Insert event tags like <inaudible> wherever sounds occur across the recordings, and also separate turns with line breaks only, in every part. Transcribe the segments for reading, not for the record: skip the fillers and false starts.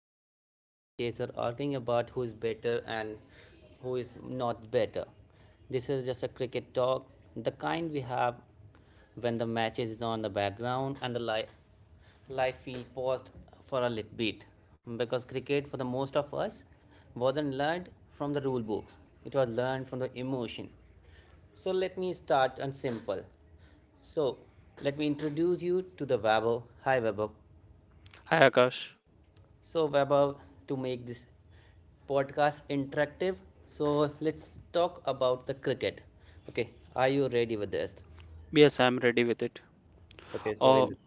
breaking down matches or arguing about who is better and who is not better. This is just a cricket talk, the kind we have when the matches is on the background and the live feed paused for a little bit, because cricket for the most of us wasn't learned from the rule books. It was learned from the emotion. So let me start and simple. So let me introduce you to the Wabo. Hi Wabo.
Hi Akash.
So Wabo, to make this podcast interactive, so let's talk about the cricket. Okay, are you ready with this?
Yes, I'm ready with it.
Okay, so
Oh,
in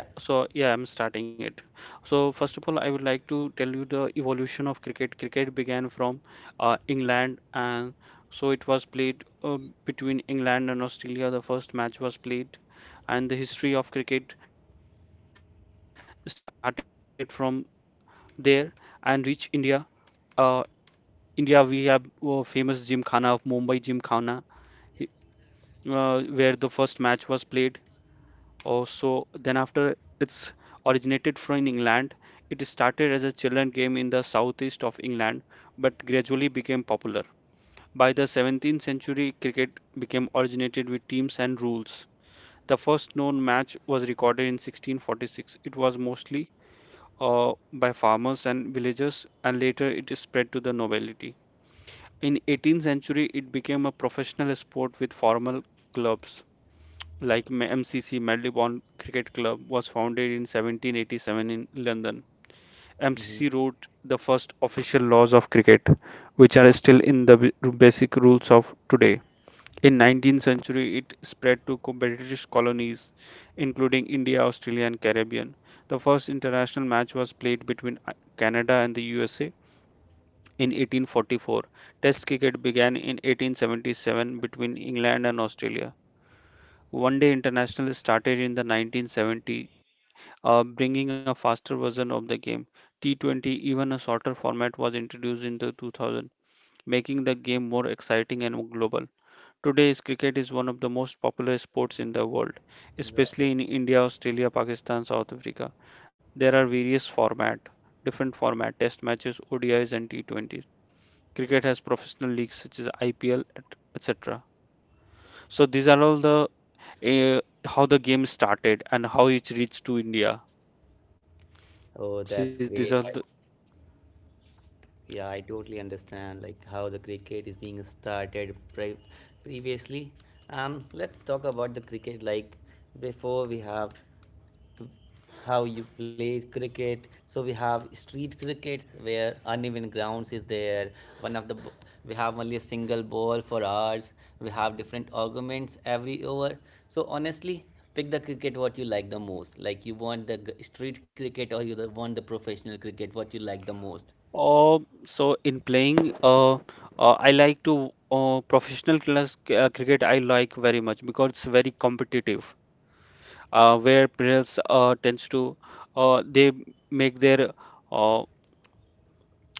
yeah.
so yeah, I'm starting it. So first of all, I would like to tell you the evolution of cricket. Cricket began from England, and so it was played between England and Australia. The first match was played, and the history of cricket started from there and reached India. Uh, India, we have famous Gymkhana of Mumbai Gymkhana, where the first match was played. Oh, so then after it's originated from in England, it started as a children game in the southeast of England, but gradually became popular. By the 17th century, cricket became originated with teams and rules. The first known match was recorded in 1646. It was mostly by farmers and villagers, and later it spread to the nobility. In 18th century, it became a professional sport with formal clubs like MCC Marylebone Cricket Club was founded in 1787 in London.
Mhm.
MCC wrote the first official laws of cricket, which are still in the basic rules of today. In 19th century, it spread to British colonies, including India, Australia, and Caribbean. The first international match was played between Canada and the USA in 1844. Test cricket began in 1877 between England and Australia. One Day International started in the 1970, bringing a faster version of the game. T20, even a shorter format, was introduced in the 2000, making the game more exciting and global. Today's cricket is one of the most popular sports in the world,
Exactly.
especially in India, Australia, Pakistan, South Africa. There are various format, different format, test matches, ODIs and T20s. Cricket has professional leagues such as IPL, etc. So these are all the uh, how the game started and how it reached to India.
Oh,
See,
that's
these are the,
great. Yeah, I totally understand like how the cricket is being started previously. Let's talk about the cricket like before we have how you play cricket. So we have street crickets where uneven grounds is there. One of the, we have only a single ball for hours, we have different arguments every over. So honestly, pick the cricket what you like the most. Like you want the street cricket or you want the professional cricket, what you like the most?
oh, so in playing, I like to professional class cricket. I like very much because it's very competitive, where players tends to they make their uh,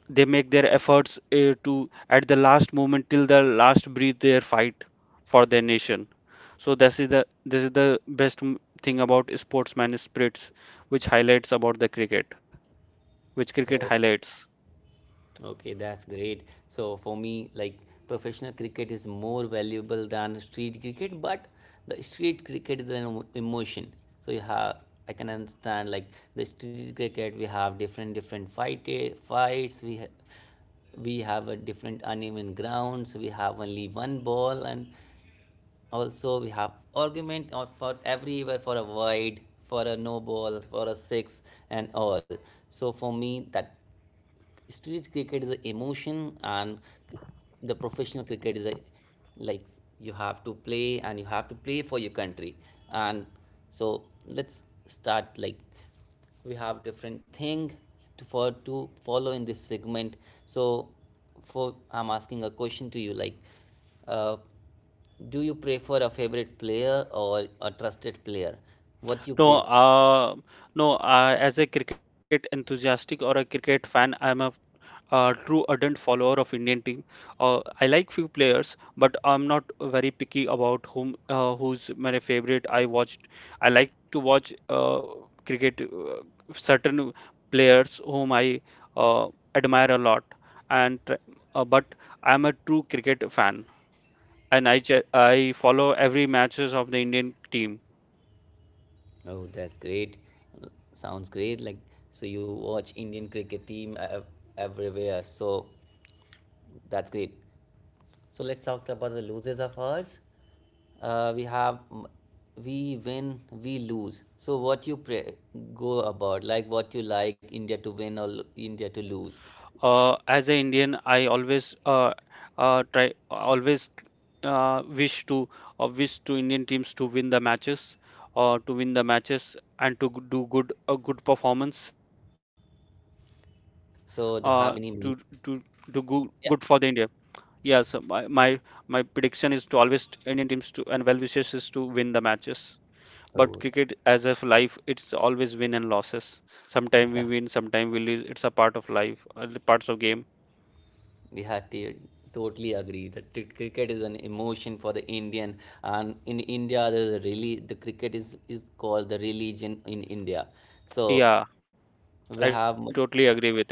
Efforts to at the last moment till the last breath their fight for their nation. So this is the best thing about sportsman spirits, which highlights about the cricket, which cricket
Oh.
highlights.
Okay, that's great. So for me, like professional cricket is more valuable than street cricket, but the street cricket is an emotion. So you have, I can understand like the street cricket. We have different different fights. We have a different uneven grounds. We have only one ball, and also we have argument or for everywhere for a wide, for a no ball, for a six, and all. So for me, that street cricket is an emotion, and the professional cricket is a, like, you have to play and you have to play for your country. And so let's start like we have different thing to for to follow in this segment. So for I'm asking a question to you like, uh, do you prefer a favorite player or a trusted player? What you
No,
prefer?
no. As a cricket enthusiastic or a cricket fan, I'm a true ardent follower of Indian team. I like few players, but I'm not very picky about whom who's my favorite. I watched. I like to watch cricket certain players whom I uh, admire a lot, and but I'm a true cricket fan, and I follow every matches of the Indian team.
Oh, that's great. Uh, Sounds great. Like, so you watch Indian cricket team everywhere. So that's great. So let's talk about the losers of ours. We have we win, we lose. So what you go about, like what you like India to win or India to lose.
As an Indian, I always try always uh, wish to wish to Indian teams to win the matches to win the matches and to do good a good performance uh, to to
So do
do
you have
good
any?
good for the India.
Yeah.
Yeah, so my prediction is to always Indian teams to and well wishes is to win the matches. But
Oh,
cricket, as of life, it's always win and losses. Sometimes we win, sometime we lose. It's a part of life, the parts of game.
yeah, totally agree. That cricket is an emotion for the Indian, and in India, the really the cricket is called the religion in India. So
Yeah,
we have
I totally agree with it.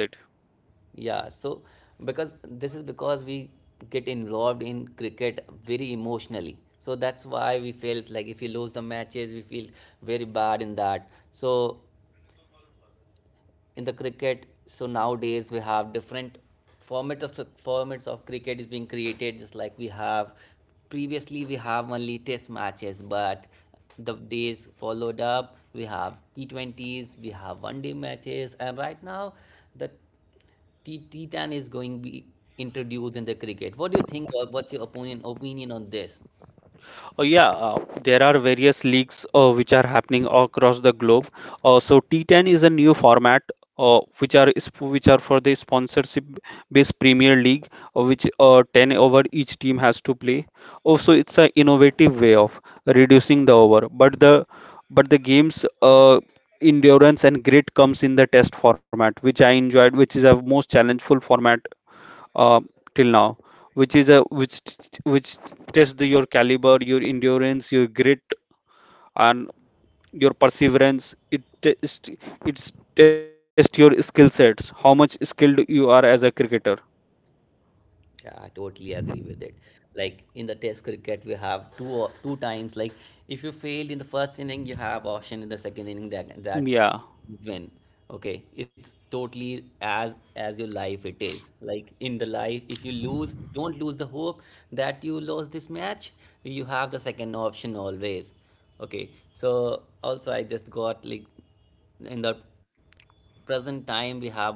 yeah. So because this is because we get involved in cricket very emotionally. So that's why we felt like if we lose the matches, we feel very bad in that. So in the cricket, so nowadays we have different format of formats of cricket is being created. Just like we have previously we have only test matches, but the days followed up we have T20s, we have one day matches, and right now the 10 is going to be introduced in the cricket. What do you think, what's your opinion on this?
Oh, yeah, there are various leagues which are happening across the globe. So T10 is a new format which are for the sponsorship based Premier League, which 10 over each team has to play. Also, it's an innovative way of reducing the over, but the game's endurance and grit comes in the test format, which I enjoyed, which is a most challengeful format uh, till now, which is a which t- which tests the, your caliber, your endurance, your grit, and your perseverance. It's test your skill sets, how much skilled you are as a cricketer.
Yeah, I totally agree with it. Like in the test cricket, we have two or two times. Like if you failed in the first inning, you have option in the second inning that you
Yeah.
win. Okay, it's totally as your life it is. Like in the life, if you lose, don't lose the hope that you lost this match. You have the second option always. Okay, so also I just got like in the present time we have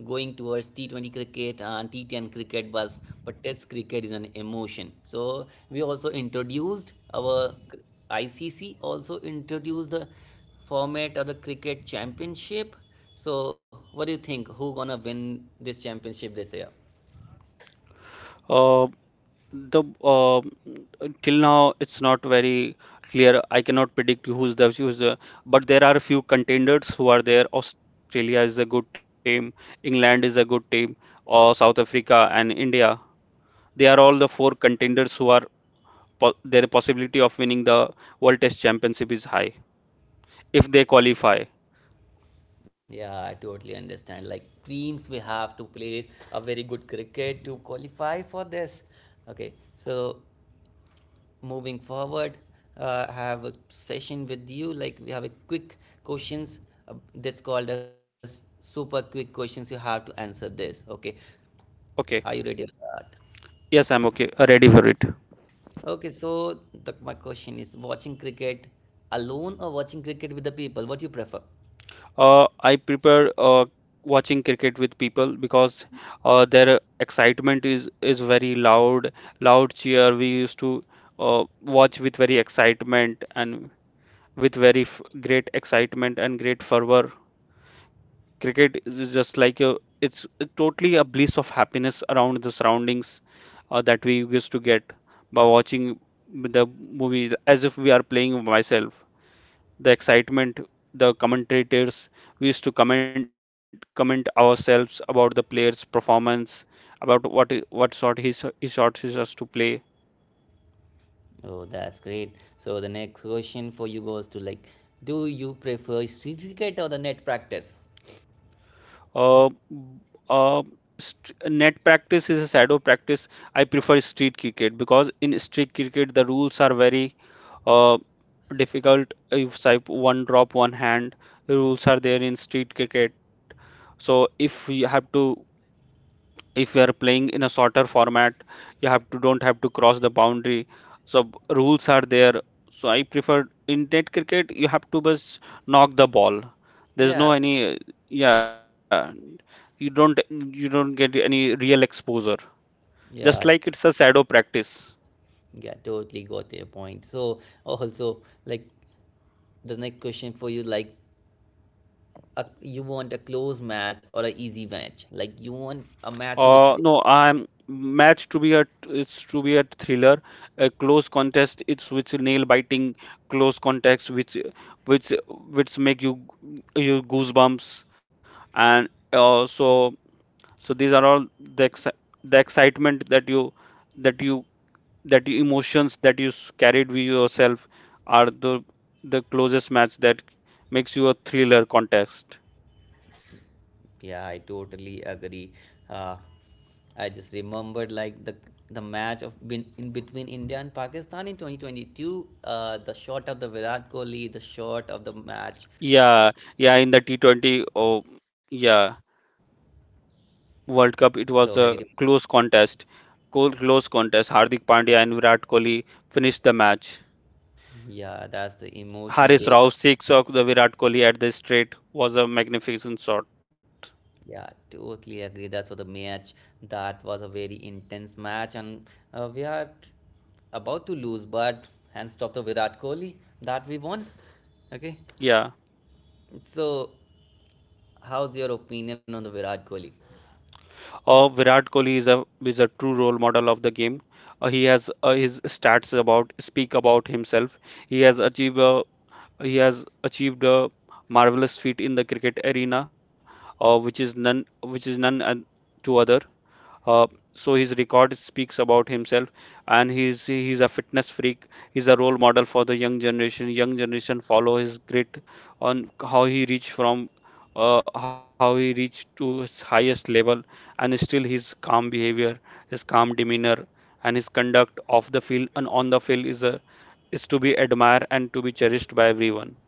going towards T20 cricket and T10 cricket was, but test cricket is an emotion. So we also introduced our ICC also introduced the format of the cricket championship. So what do you think, who gonna win this championship this year?
Uh, the Till now it's not very clear. I cannot predict who's the, but there are a few contenders who are there. Australia is a good team. England is a good team, or South Africa and India. They are all the four contenders who are their possibility of winning the World Test Championship is high if they qualify.
Yeah, I totally understand. Like teams, we have to play a very good cricket to qualify for this. Okay, so moving forward, I have a session with you. Like we have a quick questions, that's called as super quick questions. You have to answer this. Okay,
Okay.
are you ready for that?
Yes, I'm okay. Ready for it.
Okay, so the, my question is: watching cricket alone or watching cricket with the people? What do you prefer?
I prepare watching cricket with people because their excitement is very loud, loud cheer. We used to watch with very excitement and with very f great excitement and great fervor. Cricket is just like a it's totally a bliss of happiness around the surroundings that we used to get by watching the movie as if we are playing myself. The excitement, the commentators, we used to comment ourselves about the player's performance, about what what sort he he shot he us to play.
Oh, that's great. So the next question for you goes to like, do you prefer street cricket or the net practice?
Uh, b- uh, Net practice is a shadow practice. I prefer street cricket because in street cricket the rules are very uh, difficult if type one drop one hand rules are there in street cricket, so if you are playing in a shorter format you have to don't have to cross the boundary, so rules are there, so I prefer in net cricket you have to just knock the ball, there's
Yeah,
no any yeah, you don't get any real exposure, just like
yeah,
it's a shadow practice.
yeah, totally got your point. So also like the next question for you like, a, you want a close match or an easy match? Like you want a match to be three.
No, I'm match to be a it's to be a thriller, a close contest. It's which nail biting close contest, which make you goosebumps, and so these are all the exci the excitement that that you you emotions that you carried with yourself are the closest match that makes you a thriller contest.
Yeah, I totally agree. Uh, I just remembered like the match of in between India and Pakistan in 2022. The shot of the Virat Kohli, the shot of the match.
Yeah, yeah, in the T20, oh yeah.
So
World
have you?
Cup, it
Re-
was a close contest. Close contest. Hardik Pandya and Virat Kohli finished the match.
yeah, that's the emotional
Haris
day.
Rao's six of the Virat Kohli at the straight was a magnificent shot.
Yeah, totally agree. That's for the match. That was a very intense match, and we are about to lose, but hands off to Virat Kohli that we won. Okay.
Yeah.
So how's your opinion on the Virat Kohli?
Virat Kohli is a true role model of the game. He has his stats about speak about himself. He has achieved a, he has achieved a marvelous feat in the cricket arena, which is none and to other. Uh, so his record speaks about himself, and he's a fitness freak. He's a role model for the young generation. Young generation follow his grit on how he reached to his highest level, and still his calm behavior, his calm demeanor, and his conduct off the field and on the field is to be admired and to be cherished by everyone.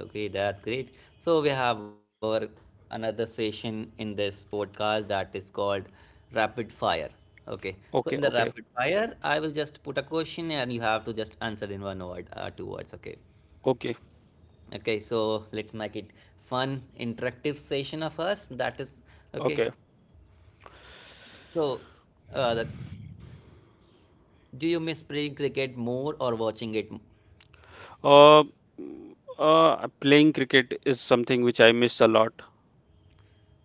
Okay, that's great. So we have our another session in this podcast that is called Rapid Fire. Okay, so in the
Okay,
Rapid
okay,
Fire, I will just put a question and you have to just answer in one word, two words. Okay.
okay,
Okay, so let's make it fun, interactive session of us. That is
okay.
okay. So, the, do you miss playing cricket more or watching it?
Uh, mm, Playing cricket is something which I miss a lot.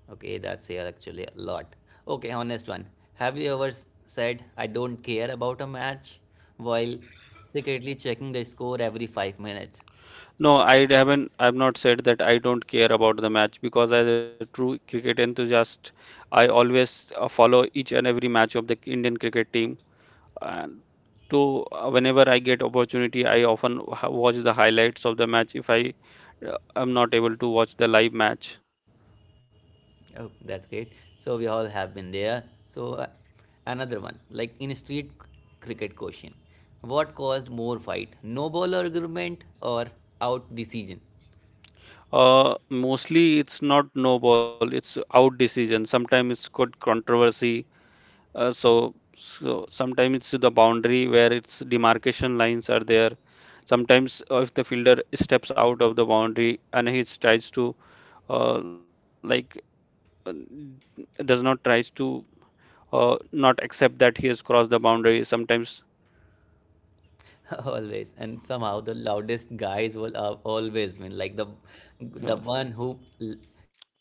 Okay, that's here actually a lot. Okay, honest one. Have you ever said, I don't care about a match, while secretly checking the score every 5 minutes?
No, I haven't. I've not said that I don't care about the match because, as a true cricket enthusiast, I always follow each and every match of the Indian cricket team. And to whenever I get opportunity, I often watch the highlights of the match if I am not able to watch the live match.
Oh, that's great. So, we all have been there. So, another one like in street cricket question, what caused more fight, no ball argument or out decision?
Mostly it's not no ball, it's out decision. Sometimes it's good controversy. Uh, so, so sometimes it's the boundary where its demarcation lines are there. Sometimes if the fielder steps out of the boundary and he tries to like uh, does not tries to not accept that he has crossed the boundary. Sometimes
<laughs> Always and somehow the loudest guys will always win. Like
uh,
the one who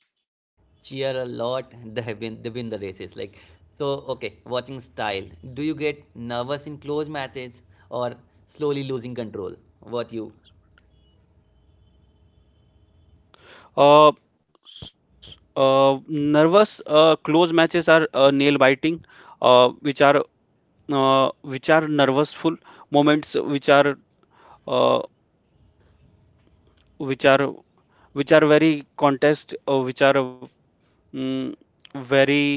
cheer a lot, <laughs> they win, they win the races. Like, so, okay, watching style, do you get nervous in close matches or slowly losing control, what you?
uh, nervous close matches are nail biting, uh, which are which are nervousful moments, uh, which are which are very contest, mm, very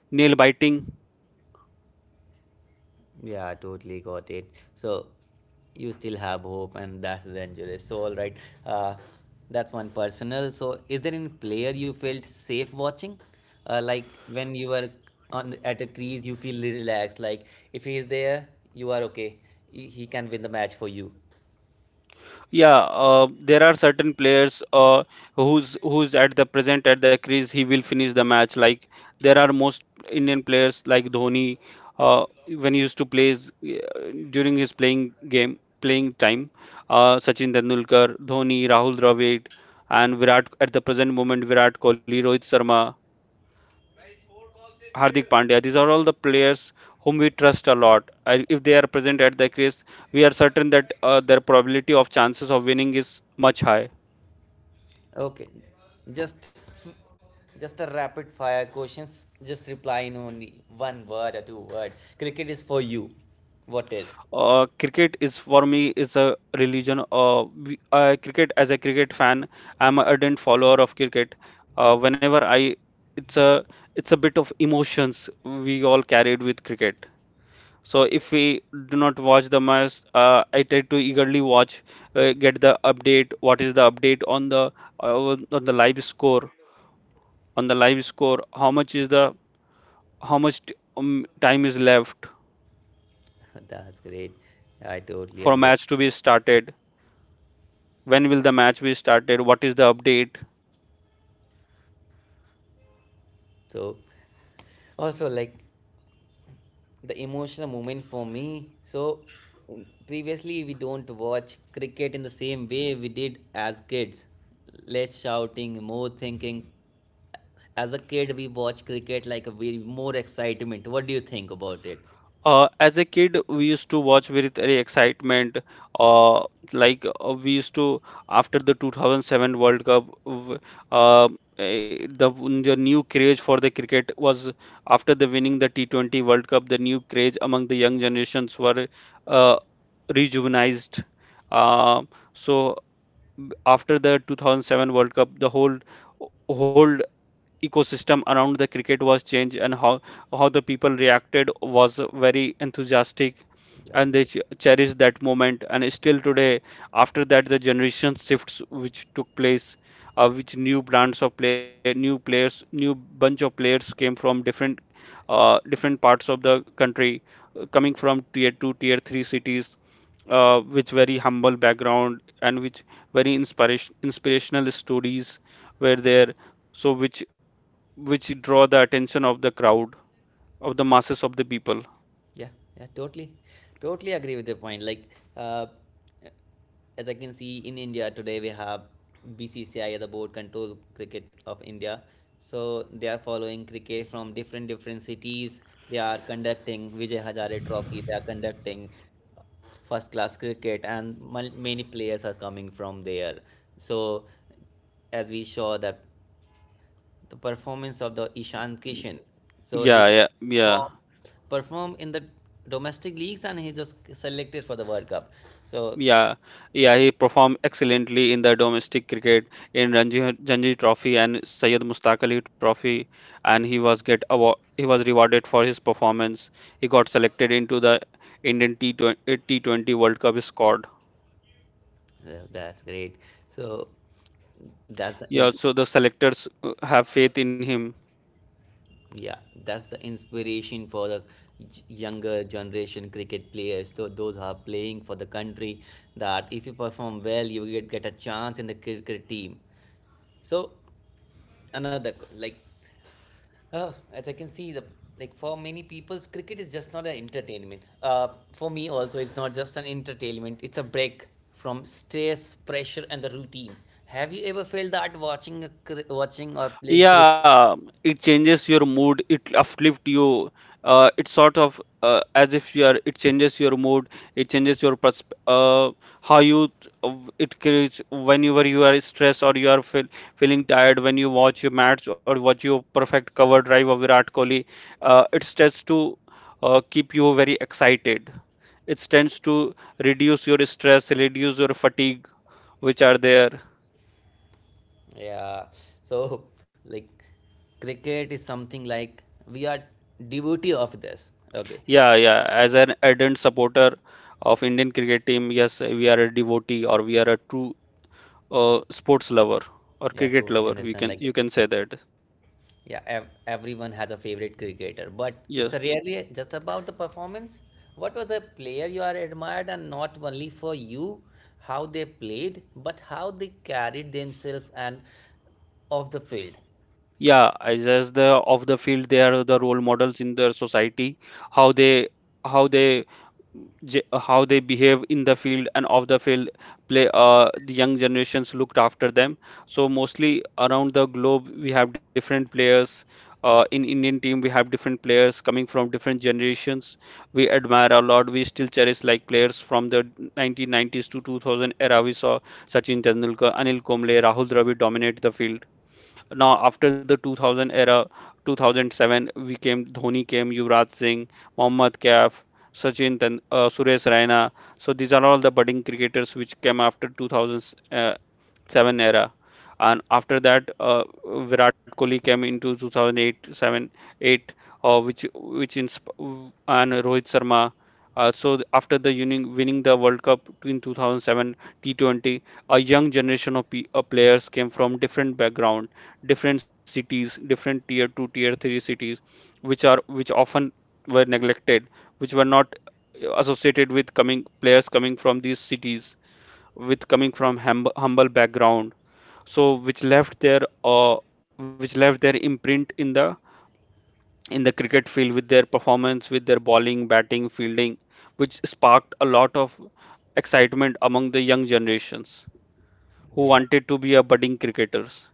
nail biting.
Yeah, I totally got it. So you still have hope, and that's dangerous. So all right, uh, that's one personal. So is there any player you felt safe watching? Like when you were on at a crease, you feel relaxed. Like if he is there, you are okay. He can win the match for you.
Yeah, there are certain players who's at the present at the crease. He will finish the match. Like there are most Indian players like Dhoni uh, when he used to play during his playing game playing time. Sachin Tendulkar, Dhoni, Rahul Dravid, and Virat at the present moment Virat Kohli, Rohit Sharma. Hardik Pandya. These are all the players whom we trust a lot. If they are present at the crease, we are certain that their probability of chances of winning is much high.
Okay, just just a rapid fire questions. Just reply in only one word or two word. Cricket is for you. What is?
Cricket is for me is a religion. Cricket as a cricket fan, I'm an ardent follower of cricket. Whenever I, it's a it's a bit of emotions we all carried with cricket. So if we do not watch the match, I try to eagerly watch, get the update. What is the update on the live score? On the live score, how much time is left
<laughs> That's great. I
for
totally
a
understand.
match to be started? When will the match be started? What is the update?
So, also like the emotional moment for me. So, mm, previously we don't watch cricket in the same way we did as kids. Less shouting, more thinking. As a kid, we watch cricket like a way more excitement. What do you think about it?
As a kid, we used to watch with very excitement. Uh, like we used to, after the 2007 World Cup, uh, eh, the the new craze for the cricket was after the winning the T20 World Cup. The new craze among the young generations were uh, rejuvenized. Uh, so, after the 2007 World Cup, the whole ecosystem around the cricket was changed, and how the people reacted was very enthusiastic, and
Exactly.
they cherished that moment and still today. After that, the generation shifts which took place, which new brands of play, new players, new bunch of players came from different different parts of the country, coming from tier 2, tier 3 cities, with very humble background, and which very inspirational stories were there, so which draw the attention of the crowd, of the masses of the people.
Yeah, yeah, totally, totally agree with your point. Like, uh, as I can see in India today, we have BCCI, the board control cricket of India. So they are following cricket from different different cities. They are conducting Vijay Hazare Trophy. They are conducting first class cricket, and many players are coming from there. So as we saw that the performance of the Ishan Kishan. So he
Yeah, yeah,
perform
yeah,
perform in the domestic leagues, and he just selected for the World Cup. So
yeah, yeah. He performed excellently in the domestic cricket, in Ranji Trophy and Syed Mustaq Ali Trophy, and he was get award, he was rewarded for his performance. He got selected into the Indian T20 World Cup squad.
that's great. So that's the
Yeah,
ins-
so the selectors have faith in him.
yeah, that's the inspiration for the younger generation cricket players, those who are playing for the country, that if you perform well you get a chance in the cricket team. So another like, uh, as I can see, the like for many people's cricket is just not an entertainment. For me also, it's not just an entertainment. It's a break from stress, pressure, and the routine. Have you ever felt that watching a watching or playing cricket?
Yeah, it changes your mood, it uplift you. It's sort of as if you are, it changes your mood, it changes your persp how you, it creates whenever you are stressed or you are feeling tired, when you watch your match or watch your perfect cover drive of Virat Kohli. It tends to keep you very excited. It tends to reduce your stress, reduce your fatigue, which are there.
Yeah. So like, cricket is something like we are devotee of this. Okay.
Yeah, yeah. As an ardent supporter of Indian cricket team, yes, we are a devotee, or we are a true sports lover or
Yeah,
cricket
totally
lover. We
understand.
can,
Like,
you can say that.
yeah, everyone has a favorite cricketer, but it's
Yes.
rarely just about the performance. What was a player you are admired, and not only for you, how they played, but how they carried themselves and off the field.
Yeah, as the of the field, they are the role models in their society, how they how they how they behave in the field and off the field play, the young generations looked after them. So mostly around the globe we have different players, in indian team we have different players coming from different generations, we admire a lot. We still cherish like players from the 1990s to 2000 era. We saw sachin tendulkar, anil kumble, rahul dravid dominate the field. Now, after the 2000 era, 2007, we came, Dhoni came, Yuvraj Singh, Mohammad Kaif, Sachin, Ten, Suresh Raina. So these are all the budding cricketers which came after 2000s, seven era, and after that, Virat Kohli came into 2008, 7, eight, which and Rohit Sharma. So, after the winning the World Cup in 2007 T20, a young generation of players came from different background, different cities, different tier two, tier three cities, which are which often were neglected, which were not associated with coming players coming from these cities, with coming from humble background, so which left their imprint in the cricket field with their performance, with their bowling, batting, fielding, which sparked a lot of excitement among the young generations who
Yeah.
wanted to be a budding cricketers.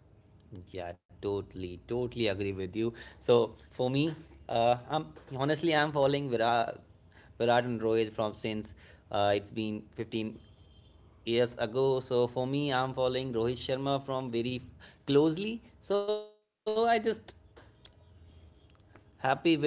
Yeah, totally, totally agree with you. So for me, I'm honestly I'm following Virat and Rohit from since it's been 15 years ago. So for me, I'm following Rohit Sharma from very closely. So I just happy with how he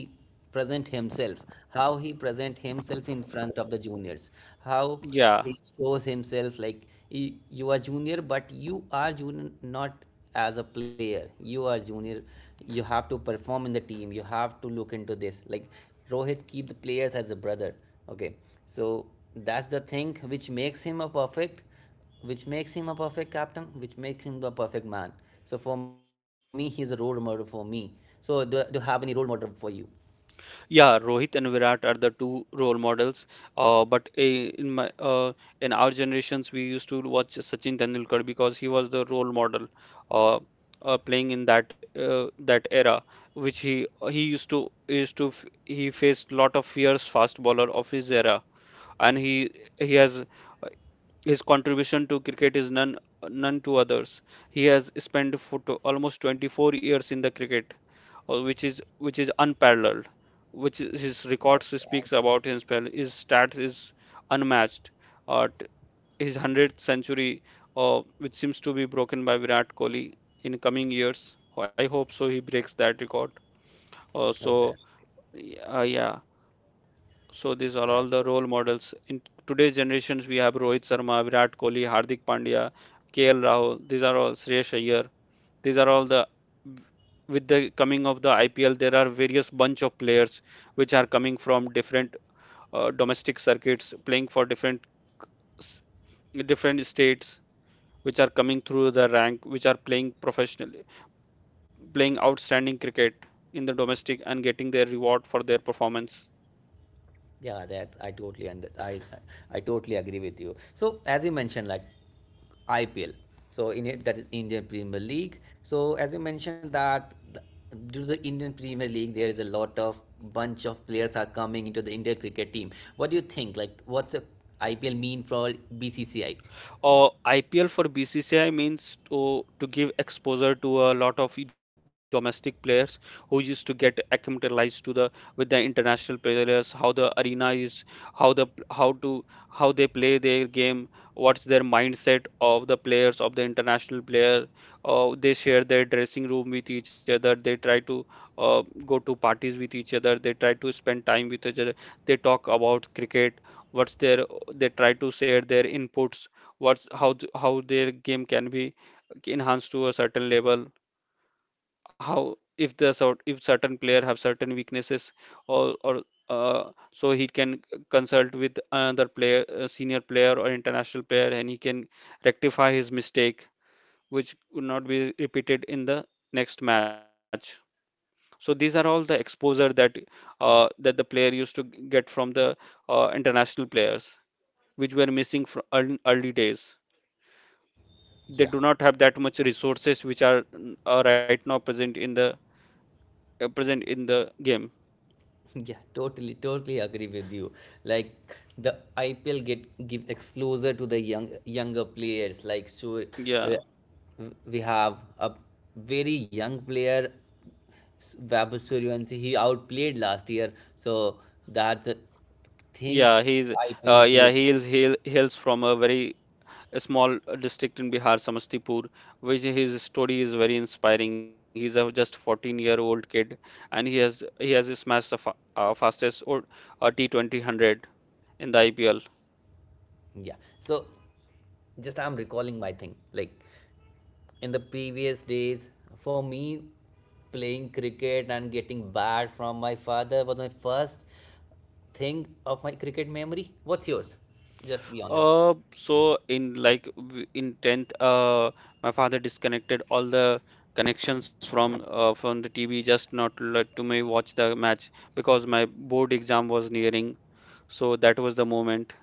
present himself, how he present himself in front of the juniors, how
Yeah.
he shows himself like, he, you are junior but you are junior not as a player you are junior, you have to perform in the team, you have to look into this like Rohit keep the players as a brother. Okay, so that's the thing which makes him a perfect, which makes him a perfect captain, which makes him the perfect man. So for me, he's a role model for me. So do you have any role model for you?
Yeah, Rohit and Virat are the two role models. But in my in our generations, we used to watch Sachin Tendulkar because he was the role model, uh, playing in that that era, which he used to he faced lot of fierce fast bowler of his era, and he has his contribution to cricket is none to others. He has spent for to almost 24 years in the cricket, or which is unparalleled, which is, his records speaks about himself. His stats is unmatched. Uh, t- his 100th century, which seems to be broken by Virat Kohli in coming years. I hope so. He breaks that record.
Oh,
Uh,
that,
so yeah. So these
yeah,
are all the role models in today's generations. We have Rohit Sharma, Virat Kohli, Hardik Pandya, KL Rahul. These are all Shreyas Iyer. These are all the, with the coming of the IPL, there are various bunch of players which are coming from different domestic circuits, playing for different states, which are coming through the rank, which are playing professionally, playing outstanding cricket in the domestic and getting their reward for their performance.
yeah, that I totally and I totally agree with you. So as you mentioned, like IPL, so in it that is Indian Premier League. So as you mentioned that the, due to the Indian Premier League, there is a lot of bunch of players are coming into the Indian cricket team. What do you think? Like, what's a IPL mean for BCCI?
IPL for BCCI means to give exposure to a lot of domestic players who used to get acclimatized to the, with the international players, how the arena is, how the how they play their game, what's their mindset of the players, of the international player. They share their dressing room with each other. They try to go to parties with each other. They try to spend time with each other. They talk about cricket. What's their, they try to share their inputs, what's how how their game can be enhanced to a certain level, how if the sort, if certain player have certain weaknesses, or so he can consult with another player, a senior player or international player, and he can rectify his mistake, which would not be repeated in the next match. So these are all the exposure that that the player used to get from the international players, which were missing from early days. They
Yeah.
do not have that much resources which are right now present in the game.
<laughs> Yeah, totally, totally agree with you. Like the IPL get give exposure to the younger players. Like
Yeah,
we have a very young player, Vaibhav Suryavanshi. He outplayed last year, so that's a thing.
yeah, he's
IPL is
yeah
played.
he hails from a very small district in Bihar, Samastipur, which his story is very inspiring. He's a just 14-year-old kid, and he has smashed the fa fastest or T20 in the IPL.
Yeah. So just I'm recalling my thing. Like in the previous days, for me, playing cricket and getting bat from my father was my first thing of my cricket memory. What's yours? Just be honest.
So in like in 10th, my father disconnected all the connections from the TV, just not let to me watch the match because my board exam was nearing. So that was the moment.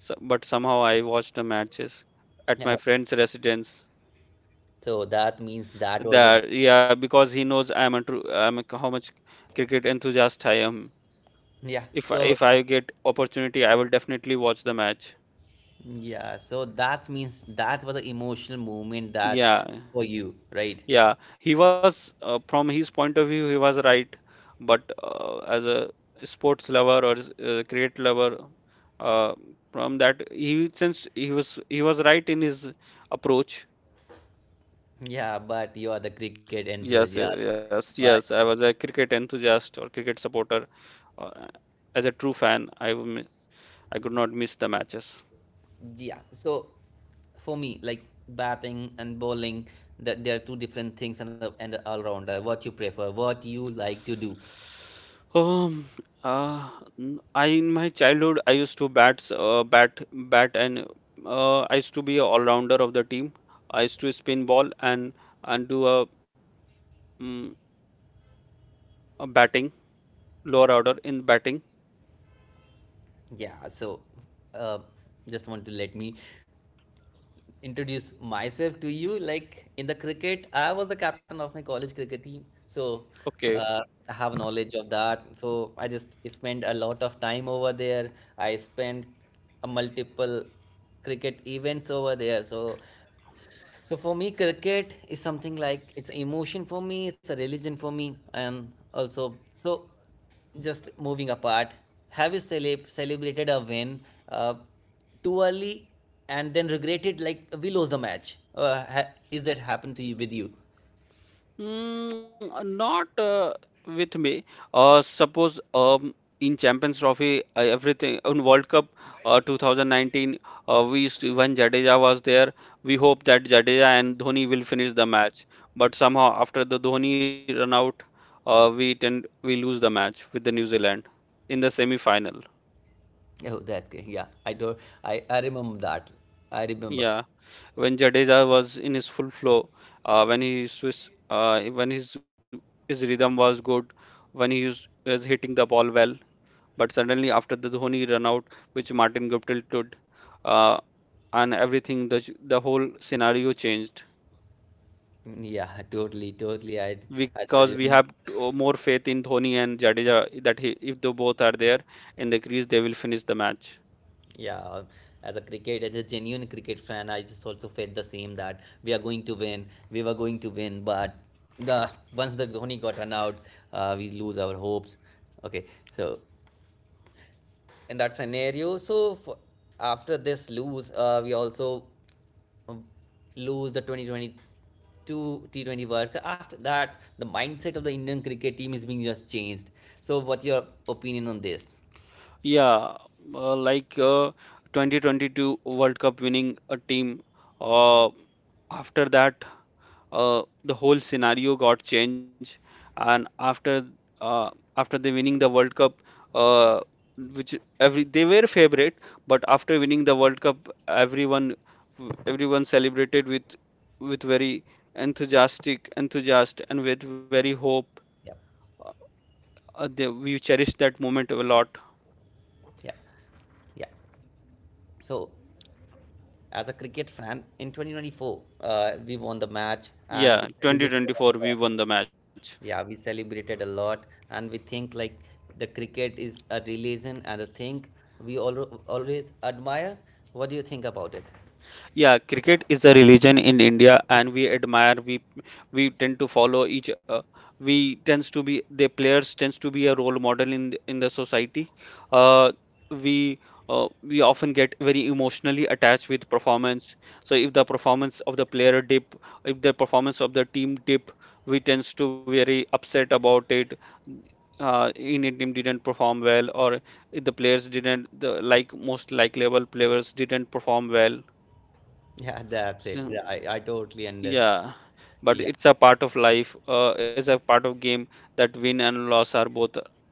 So, but somehow I watched the matches at
Yeah.
my friend's residence.
So that means that was a
That yeah, because he knows I'm a I'm a, how much cricket enthusiast I am.
yeah. So
If I get opportunity, I will definitely watch the match.
yeah. So that means that was the emotional moment that
Yeah.
for you, right?
Yeah, he was from his point of view, he was right. But as a sports lover, or cricket lover, uh, from that, he, since he was right in his approach.
Yeah, but you are the cricket enthusiast.
Yes,
But
yes. I was a cricket enthusiast or cricket supporter. Uh, as a true fan, I could not miss the matches.
yeah. So for me, like batting and bowling, that there are two different things and the all rounder. What you prefer, what you like to do.
Um, uh, I in my childhood I used to bat, and I used to be a all-rounder of the team. I used to spin ball and do a, mm, a batting, lower order in batting.
Yeah. So uh, just want to let me introduce myself to you. Like in the cricket, I was the captain of my college cricket team. So
Okay.
uh, I have knowledge of that. So I just spent a lot of time over there. I spent a multiple cricket events over there so so for me, cricket is something like it's emotion for me, it's a religion for me, and also so. Just moving apart, have you celebrated a win uh, too early and then regretted like we lost the match? Is that happened to you with you?
Not with me. Suppose in Champions Trophy, everything in World Cup, 2019, we when Jadeja was there, we hope that Jadeja and Dhoni will finish the match. But somehow after the Dhoni run out, we tend we lose the match with the New Zealand in the semi final.
Oh, that's good. Yeah, I do. I remember that. I remember.
Yeah. When Jadeja was in his full flow, when he when his rhythm was good, when he was hitting the ball well. But suddenly after the Dhoni run out, which Martin Guptill did, uh, and everything, the the whole scenario changed,
Yeah, totally, totally. I
because
just
we have
remember.
more faith in Dhoni and Jadeja, that he, if the both are there in the crease, they will finish the match.
Yeah, as a cricket, as a genuine cricket fan, I just also felt the same that we are going to win, we were going to win, but the once the Dhoni got run out, we lose our hopes. Okay, so in that scenario, so f after this lose, we also um, lose the 2022 T20 World Cup. After that, the mindset of the Indian cricket team is being just changed. So, what's your opinion on this?
Yeah, uh, like uh, 2022 World Cup winning a team. Uh, After that, the whole scenario got changed, and after uh, after they winning the World Cup, uh, which every they were favorite, but after winning the World Cup, everyone celebrated with very enthusiast, and with very hope.
Yeah,
They, we cherished that moment a lot.
yeah, yeah. So, as a cricket fan in 2024, we won the match and we
Yeah,
celebrated
2024
a
we
lot.
won the match.
Yeah, we celebrated a lot and we think like the cricket is a religion and a thing we always admire. What do you think about it?
Yeah, cricket is a religion in India, and we admire. We tend to follow each. We tends to be, the players tends to be a role model in the society. Uh, we we often get very emotionally attached with performance. So if the performance of the player dip, if the performance of the team dip, we tends to very upset about it. Indian team didn't perform well, or the players didn't the like most likable players didn't perform well.
<laughs> Yeah, that's it.
So,
Yeah, I totally understand.
yeah, but
Yeah,
it's a part of life. It's a part of game that win and loss are both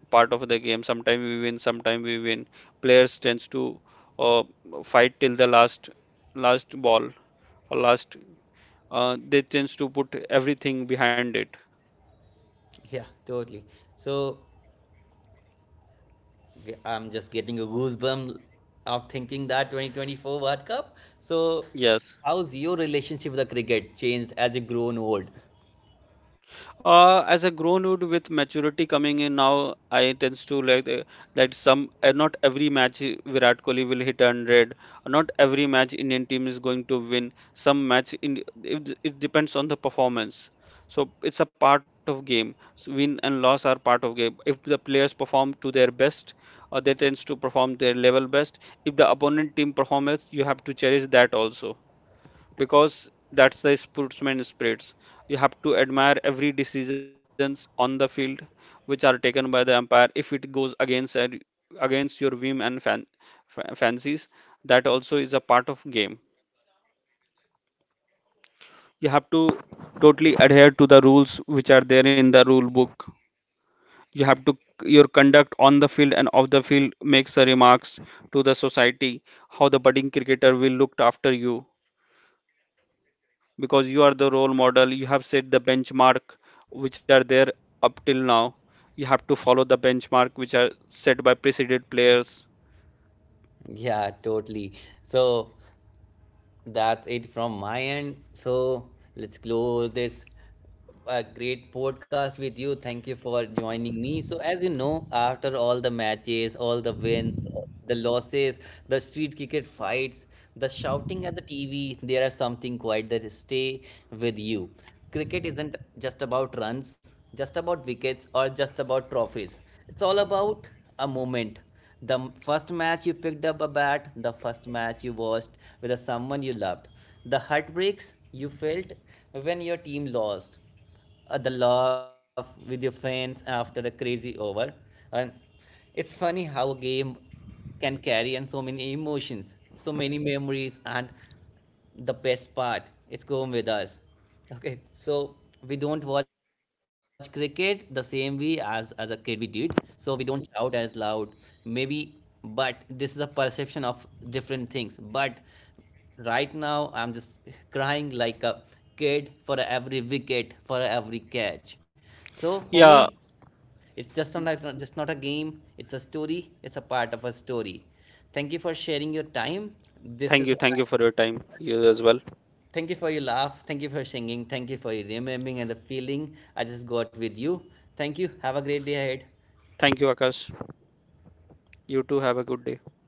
part of the game. Sometimes we win, sometimes we win. Players tends to uh, fight till the last ball or last. They tends to put everything behind it.
yeah, totally. So I'm just getting a goosebump of thinking that 2024 world cup. So
Yes.
how's your relationship with the cricket changed as you grown old?
As a grown dude with maturity coming in now, I tends to like that some not every match Virat Kohli will hit 100. Not every match Indian team is going to win. Some match in it, it depends on the performance. So it's a part of game. So win and loss are part of game. If the players perform to their best, they tends to perform their level best. If the opponent team performance, you have to cherish that also, because that's the sportsman spirits. You have to admire every decisions on the field which are taken by the umpire. If it goes against your whim and fancies, that also is a part of game. You have to totally adhere to the rules which are there in the rule book. You have to, your conduct on the field and off the field makes a remarks to the society, how the budding cricketer will looked after you, because you are the role model, you have set the benchmark which are there up till now. You have to follow the benchmark which are set by preceded players.
Yeah, totally. So that's it from my end. So let's close this great podcast with you. Thank you for joining me. So, as you know, after all the matches, all the wins, the losses, the street cricket fights, the shouting at the TV, there are something quite that stay with you. Cricket isn't just about runs, just about wickets, or just about trophies. It's all about a moment, the first match you picked up a bat, the first match you watched with someone you loved, the heartbreaks you felt when your team lost, the laugh with your friends after a crazy over, and it's funny how a game can carry and so many emotions, so many memories, and the best part, it's going with us. Okay, so we don't watch cricket the same way as a kid we did, so we don't shout as loud, maybe, but this is a perception of different things. But right now I'm just crying like a kid for every wicket, for every catch. So for me,
Yeah,
it's just not a game. It's a story, it's a part of a story. Thank you for sharing your time. This is
thank you. Thank you for your time, you as well.
thank you for your laugh. Thank you for singing. Thank you for your remembering and the feeling I just got with you. Thank you. Have a great day ahead.
Thank you, Akash. You too, have a good day.